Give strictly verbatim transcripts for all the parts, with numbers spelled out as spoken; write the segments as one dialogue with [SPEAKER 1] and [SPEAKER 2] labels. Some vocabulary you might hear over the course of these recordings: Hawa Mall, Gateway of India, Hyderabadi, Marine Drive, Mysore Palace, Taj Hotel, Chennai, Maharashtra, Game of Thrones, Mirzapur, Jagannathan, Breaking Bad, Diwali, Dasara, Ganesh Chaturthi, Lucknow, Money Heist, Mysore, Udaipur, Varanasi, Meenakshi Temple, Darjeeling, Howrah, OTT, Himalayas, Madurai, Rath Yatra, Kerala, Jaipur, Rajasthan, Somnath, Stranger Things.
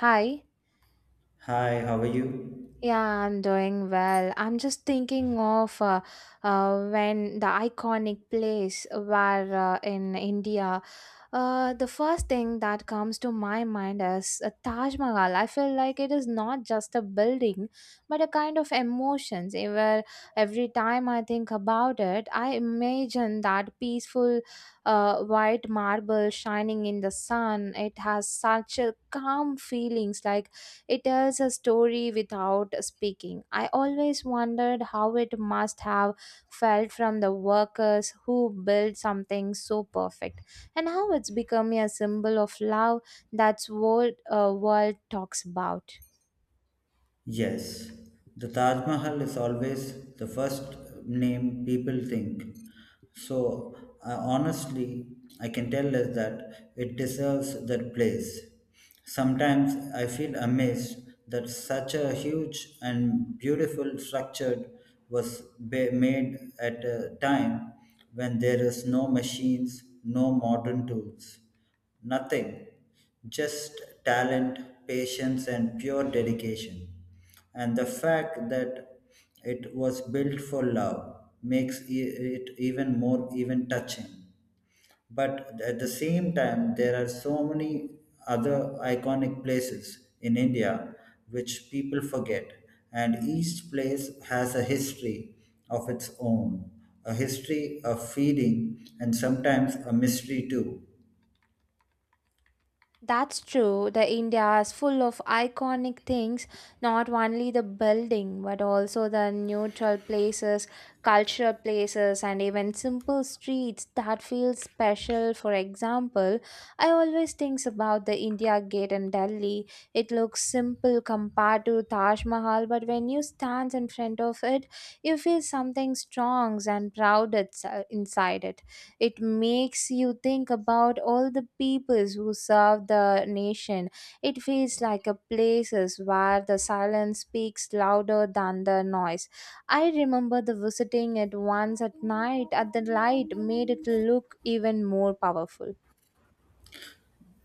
[SPEAKER 1] Hi.
[SPEAKER 2] Hi, how are you?
[SPEAKER 1] Yeah, I'm doing well. I'm just thinking of uh, uh, when the iconic place where uh, in India, uh, the first thing that comes to my mind is a Taj Mahal. I feel like it is not just a building, but a kind of emotions. eh, Where every time I think about it, I imagine that peaceful, uh, white marble shining in the sun. It has such a calm feelings, like it tells a story without speaking. I always wondered how it must have felt from the workers who built something so perfect, and how it's become a symbol of love that's world uh, world talks about.
[SPEAKER 2] Yes, the Taj Mahal is always the first name people think. So, I honestly, I can tell us that it deserves that place. Sometimes I feel amazed that such a huge and beautiful structure was ba- made at a time when there is no machines, no modern tools. Nothing, just talent, patience, and pure dedication. And the fact that it was built for love makes e- it even more even touching. But at the same time, there are so many other iconic places in India which people forget, and each place has a history of its own, a history of feeding, and sometimes a mystery too.
[SPEAKER 1] That's true. The India is full of iconic things, not only the building, but also the neutral places, cultural places, and even simple streets that feel special. For example, I always think about the India Gate in Delhi. It looks simple compared to Taj Mahal, but when you stand in front of it, you feel something strong and proud itse- inside it. It makes you think about all the peoples who serve the nation. It feels like a places where the silence speaks louder than the noise. I remember the visiting it once at night at the light made it look even more powerful.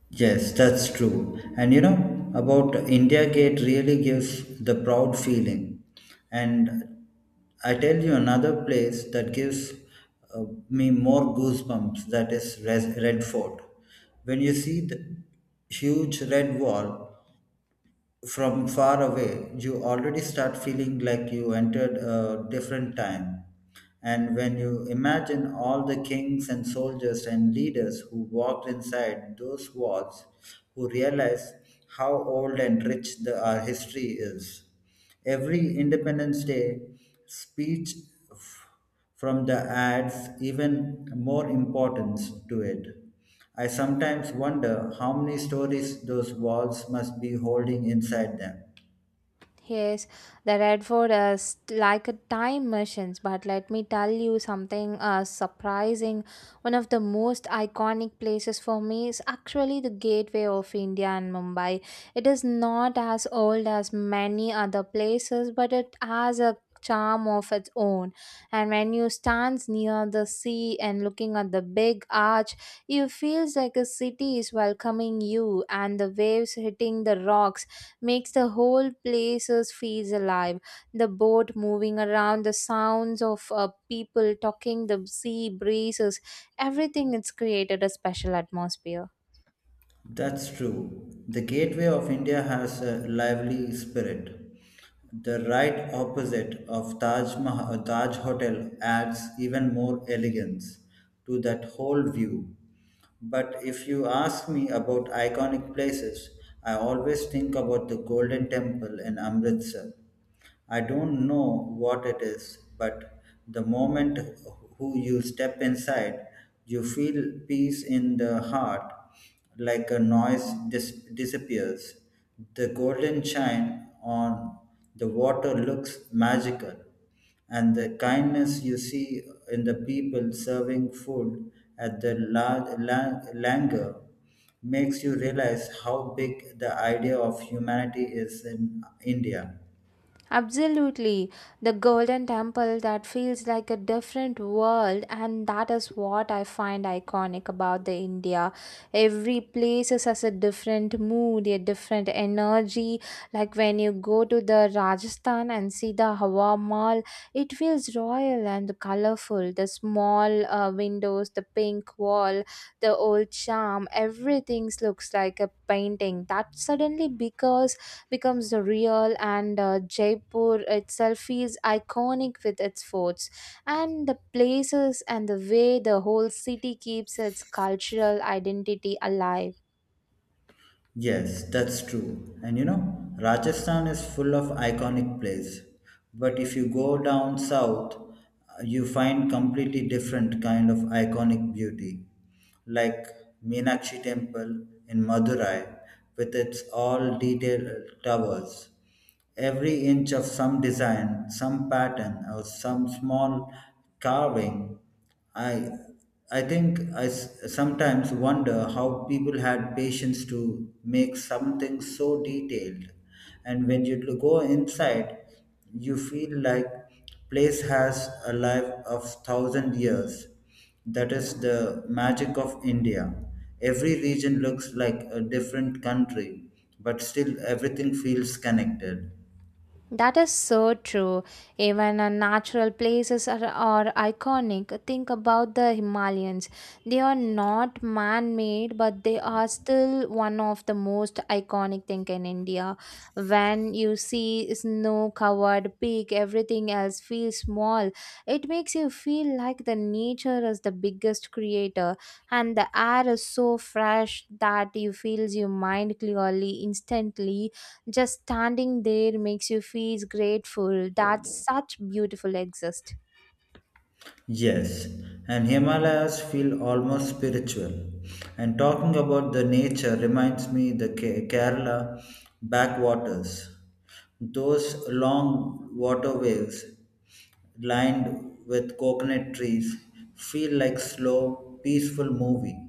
[SPEAKER 2] Yes, that's true. And you know, about India Gate really gives the proud feeling. And I tell you another place that gives uh, me more goosebumps, that is Res- Red Fort. When you see the huge red wall from far away, you already start feeling like you entered a different time. And when you imagine all the kings and soldiers and leaders who walked inside those walls, who realize how old and rich the, our history is. Every Independence Day speech from the ads even more importance to it. I sometimes wonder how many stories those walls must be holding inside them.
[SPEAKER 1] Yes, the Red Fort is like a time machine, but let me tell you something uh, surprising. One of the most iconic places for me is actually the gateway of India and Mumbai. It is not as old as many other places, but it has a charm of its own. And when you stands near the sea and looking at the big arch, you feels like a city is welcoming you and the waves hitting the rocks makes the whole places feels alive. The boat moving around, the sounds of uh, people talking, the sea breezes, everything it's created a special atmosphere.
[SPEAKER 2] That's true. The Gateway of India has a lively spirit. The right opposite of Taj, Mahal, uh, Taj Hotel adds even more elegance to that whole view. But if you ask me about iconic places, I always think about the Golden Temple in Amritsar. I don't know what it is, but the moment who you step inside, you feel peace in the heart, like a noise dis- disappears. The golden shine on the water looks magical, and the kindness you see in the people serving food at the la- la- langar makes you realize how big the idea of humanity is in India.
[SPEAKER 1] Absolutely. The Golden Temple that feels like a different world, and that is what I find iconic about the India. Every place has a different mood, a different energy. Like when you go to the Rajasthan and see the Hawa Mall, it feels royal and colorful. The small uh, windows, the pink wall, the old charm, everything looks like a painting. That suddenly because becomes real and uh, Jaipur itself is iconic with its forts and the places and the way the whole city keeps its cultural identity alive.
[SPEAKER 2] Yes, that's true. And you know, Rajasthan is full of iconic places. But if you go down south, uh, you find completely different kind of iconic beauty, like Meenakshi Temple in Madurai with its all detailed towers. Every inch of some design, some pattern, or some small carving, I, I think I s- sometimes wonder how people had patience to make something so detailed. And when you l- go inside, you feel like place has a life of thousand years that is the magic of India. Every region looks like a different country, but still everything feels connected.
[SPEAKER 1] That is so true. Even uh, natural places are, are iconic. Think about the Himalayans. They are not man made, but they are still one of the most iconic thing in India. When you see snow covered peak, everything else feels small. It makes you feel like the nature is the biggest creator, and the air is so fresh that you feels your mind clearly instantly just standing there makes you feel grateful that such beautiful exist.
[SPEAKER 2] Yes, and Himalayas feel almost spiritual. And talking about the nature reminds me the Ke- Kerala backwaters. Those long waterways lined with coconut trees feel like slow, peaceful movie.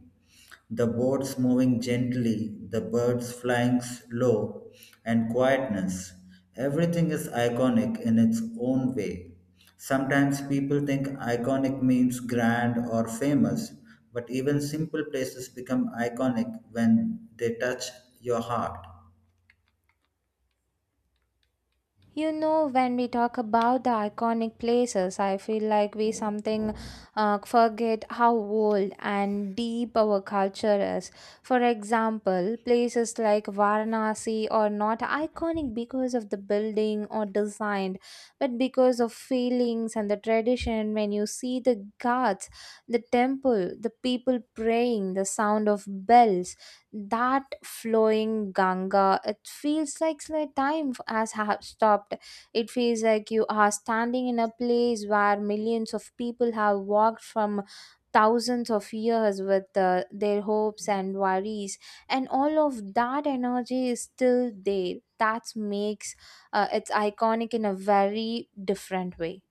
[SPEAKER 2] The boats moving gently, the birds flying low, and quietness. Everything is iconic in its own way. Sometimes people think iconic means grand or famous, but even simple places become iconic when they touch your heart.
[SPEAKER 1] You know, when we talk about the iconic places, I feel like we something uh, forget how old and deep our culture is. For example, places like Varanasi are not iconic because of the building or design, but because of feelings and the tradition. When you see the ghats, the temple, the people praying, the sound of bells, that flowing Ganga, it feels like the time has ha- stopped. It feels like you are standing in a place where millions of people have walked from thousands of years with uh, their hopes and worries, and all of that energy is still there. That makes uh, it's iconic in a very different way.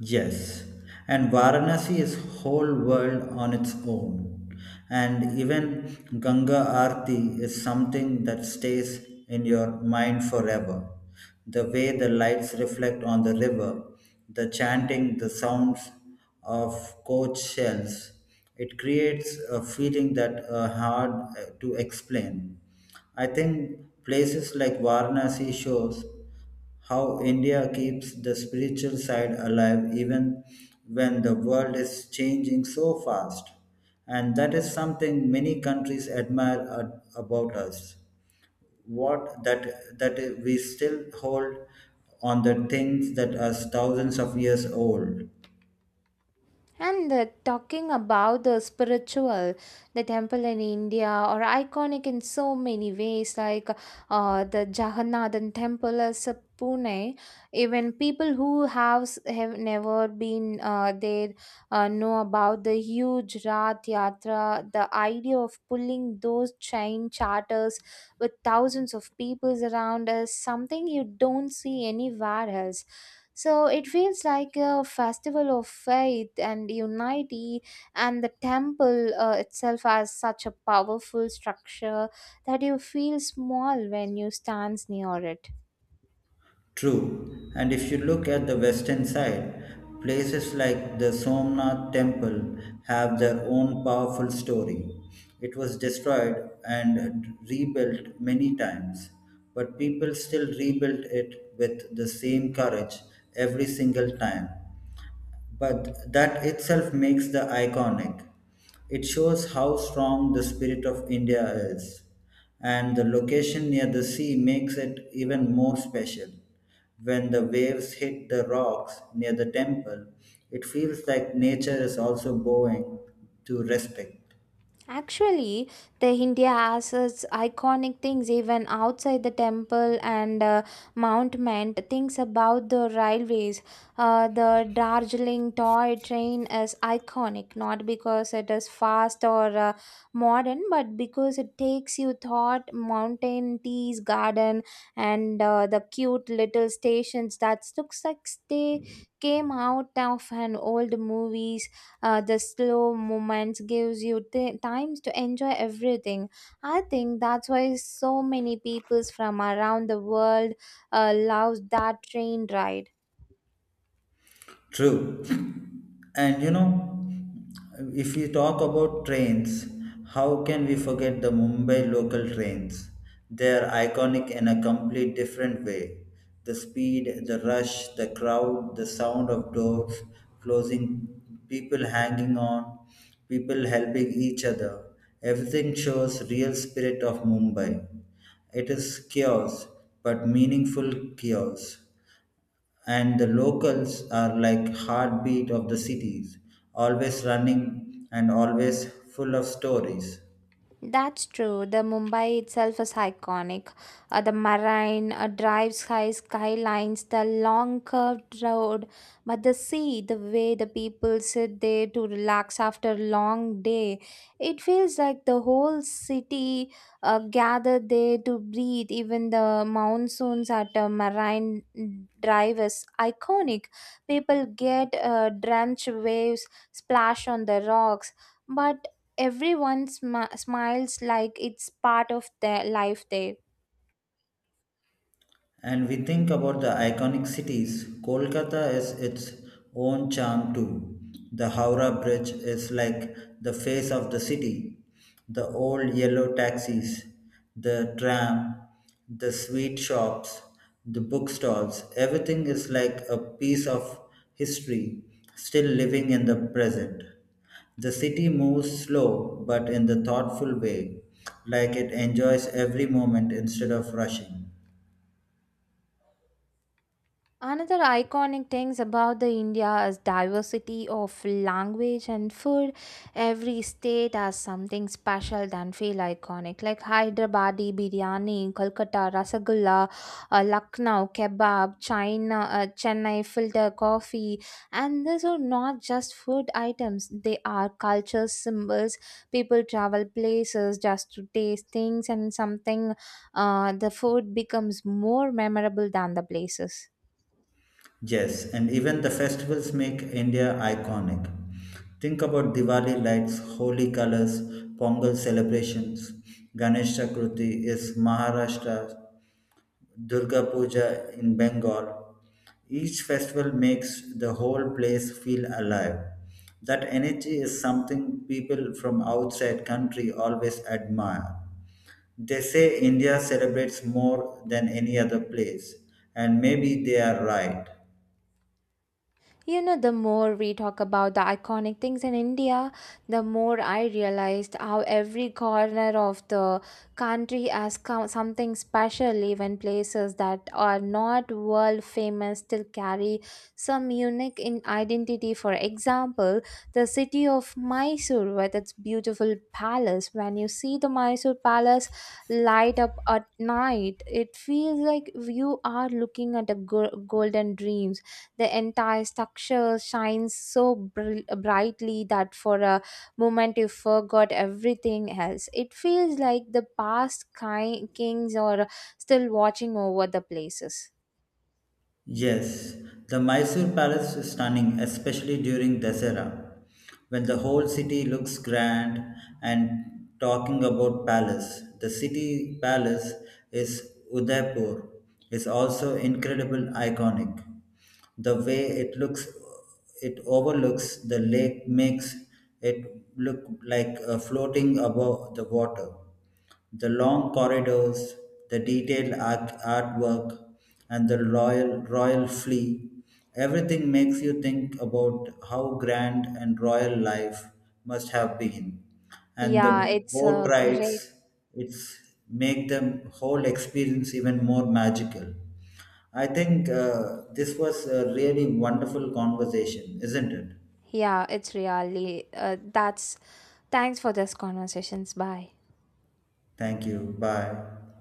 [SPEAKER 2] Yes, and Varanasi is whole world on its own. And even Ganga Aarti is something that stays in your mind forever. The way the lights reflect on the river, the chanting, the sounds of coach shells, it creates a feeling that are hard uh, to explain. I think places like Varanasi shows how India keeps the spiritual side alive even when the world is changing so fast. And that is something many countries admire a- about us. What that that we still hold on the things that are thousands of years old.
[SPEAKER 1] And uh, talking about the spiritual, the temple in India are iconic in so many ways, like uh, the Jagannathan temple is uh, Pune. Even people who have, s- have never been uh, there, uh, know about the huge Rath Yatra. The idea of pulling those train charters with thousands of people around is something you don't see anywhere else, so it feels like a festival of faith and unity, and the temple uh, itself has such a powerful structure that you feel small when you stand near it.
[SPEAKER 2] True, and if you look at the western side, places like the Somnath temple have their own powerful story. It was destroyed and rebuilt many times, but people still rebuilt it with the same courage every single time, but that itself makes the iconic. It shows how strong the spirit of India is, and the location near the sea makes it even more special. When the waves hit the rocks near the temple, it feels like nature is also bowing to respect.
[SPEAKER 1] Actually, the India has its iconic things even outside the temple and uh, monument. Things about the railways, uh, the Darjeeling toy train is iconic not because it is fast or uh, modern, but because it takes you thought mountain, teas, garden, and uh, the cute little stations that looks like they came out of an old movie. Uh, the slow moments gives you t- times to enjoy everything. I think that's why so many peoples from around the world uh, love that train ride.
[SPEAKER 2] True. And you know, if we talk about trains, how can we forget the Mumbai local trains? They are iconic in a complete different way. The speed, the rush, the crowd, the sound of doors closing, people hanging on, people helping each other. Everything shows real spirit of Mumbai. It is chaos, but meaningful chaos, and the locals are like heartbeat of the cities, always running and always full of stories.
[SPEAKER 1] That's true. The Mumbai itself is iconic. Uh, the marine uh, drive sky skylines, the long curved road, but the sea, the way the people sit there to relax after a long day, it feels like the whole city uh, gathered there to breathe. Even the monsoons at a marine drive is iconic. People get uh, drenched waves, splash on the rocks, but everyone smi- smiles like it's part of their life there.
[SPEAKER 2] And we think about the iconic cities, Kolkata is its own charm too. The Howrah Bridge is like the face of the city, the old yellow taxis, the tram, the sweet shops, the bookstalls, everything is like a piece of history still living in the present. The city moves slow but in the thoughtful way, like it enjoys every moment instead of rushing.
[SPEAKER 1] Another iconic things about the India is diversity of language and food. Every state has something special that feel iconic, like Hyderabadi biryani, Kolkata rasagulla, uh, Lucknow kebab, China uh, Chennai filter coffee, and these are not just food items. They are culture symbols. People travel places just to taste things, and something uh, the food becomes more memorable than the places.
[SPEAKER 2] Yes, and even the festivals make India iconic. Think about Diwali lights, holy colors, Pongal celebrations. Ganesh Chaturthi is Maharashtra, Durga Puja in Bengal, each festival makes the whole place feel alive. That energy is something people from outside country always admire. They say India celebrates more than any other place, and maybe they are right.
[SPEAKER 1] You know, the more we talk about the iconic things in India, the more I realized how every corner of the country has co- something special, even places that are not world famous still carry some unique in identity. For example, the city of Mysore with its beautiful palace. When you see the Mysore palace light up at night, it feels like you are looking at a go- golden dreams. The entire structure shines so br- brightly that for a moment you forgot everything else. It feels like the past ki- kings are still watching over the places.
[SPEAKER 2] Yes, the Mysore Palace is stunning, especially during Dasara, when the whole city looks grand. And talking about palace, the city palace is Udaipur is also incredible iconic. The way it looks it overlooks the lake makes it look like uh, floating above the water. The long corridors, the detailed art- artwork, and the royal, royal flea, everything makes you think about how grand and royal life must have been. And the
[SPEAKER 1] Yeah, it's
[SPEAKER 2] boat
[SPEAKER 1] a great.
[SPEAKER 2] rides, it's make the whole experience even more magical. I think uh, this was a really wonderful conversation, isn't it?
[SPEAKER 1] Yeah, it's really. Uh, that's. Thanks for this conversations. Bye.
[SPEAKER 2] Thank you. Bye.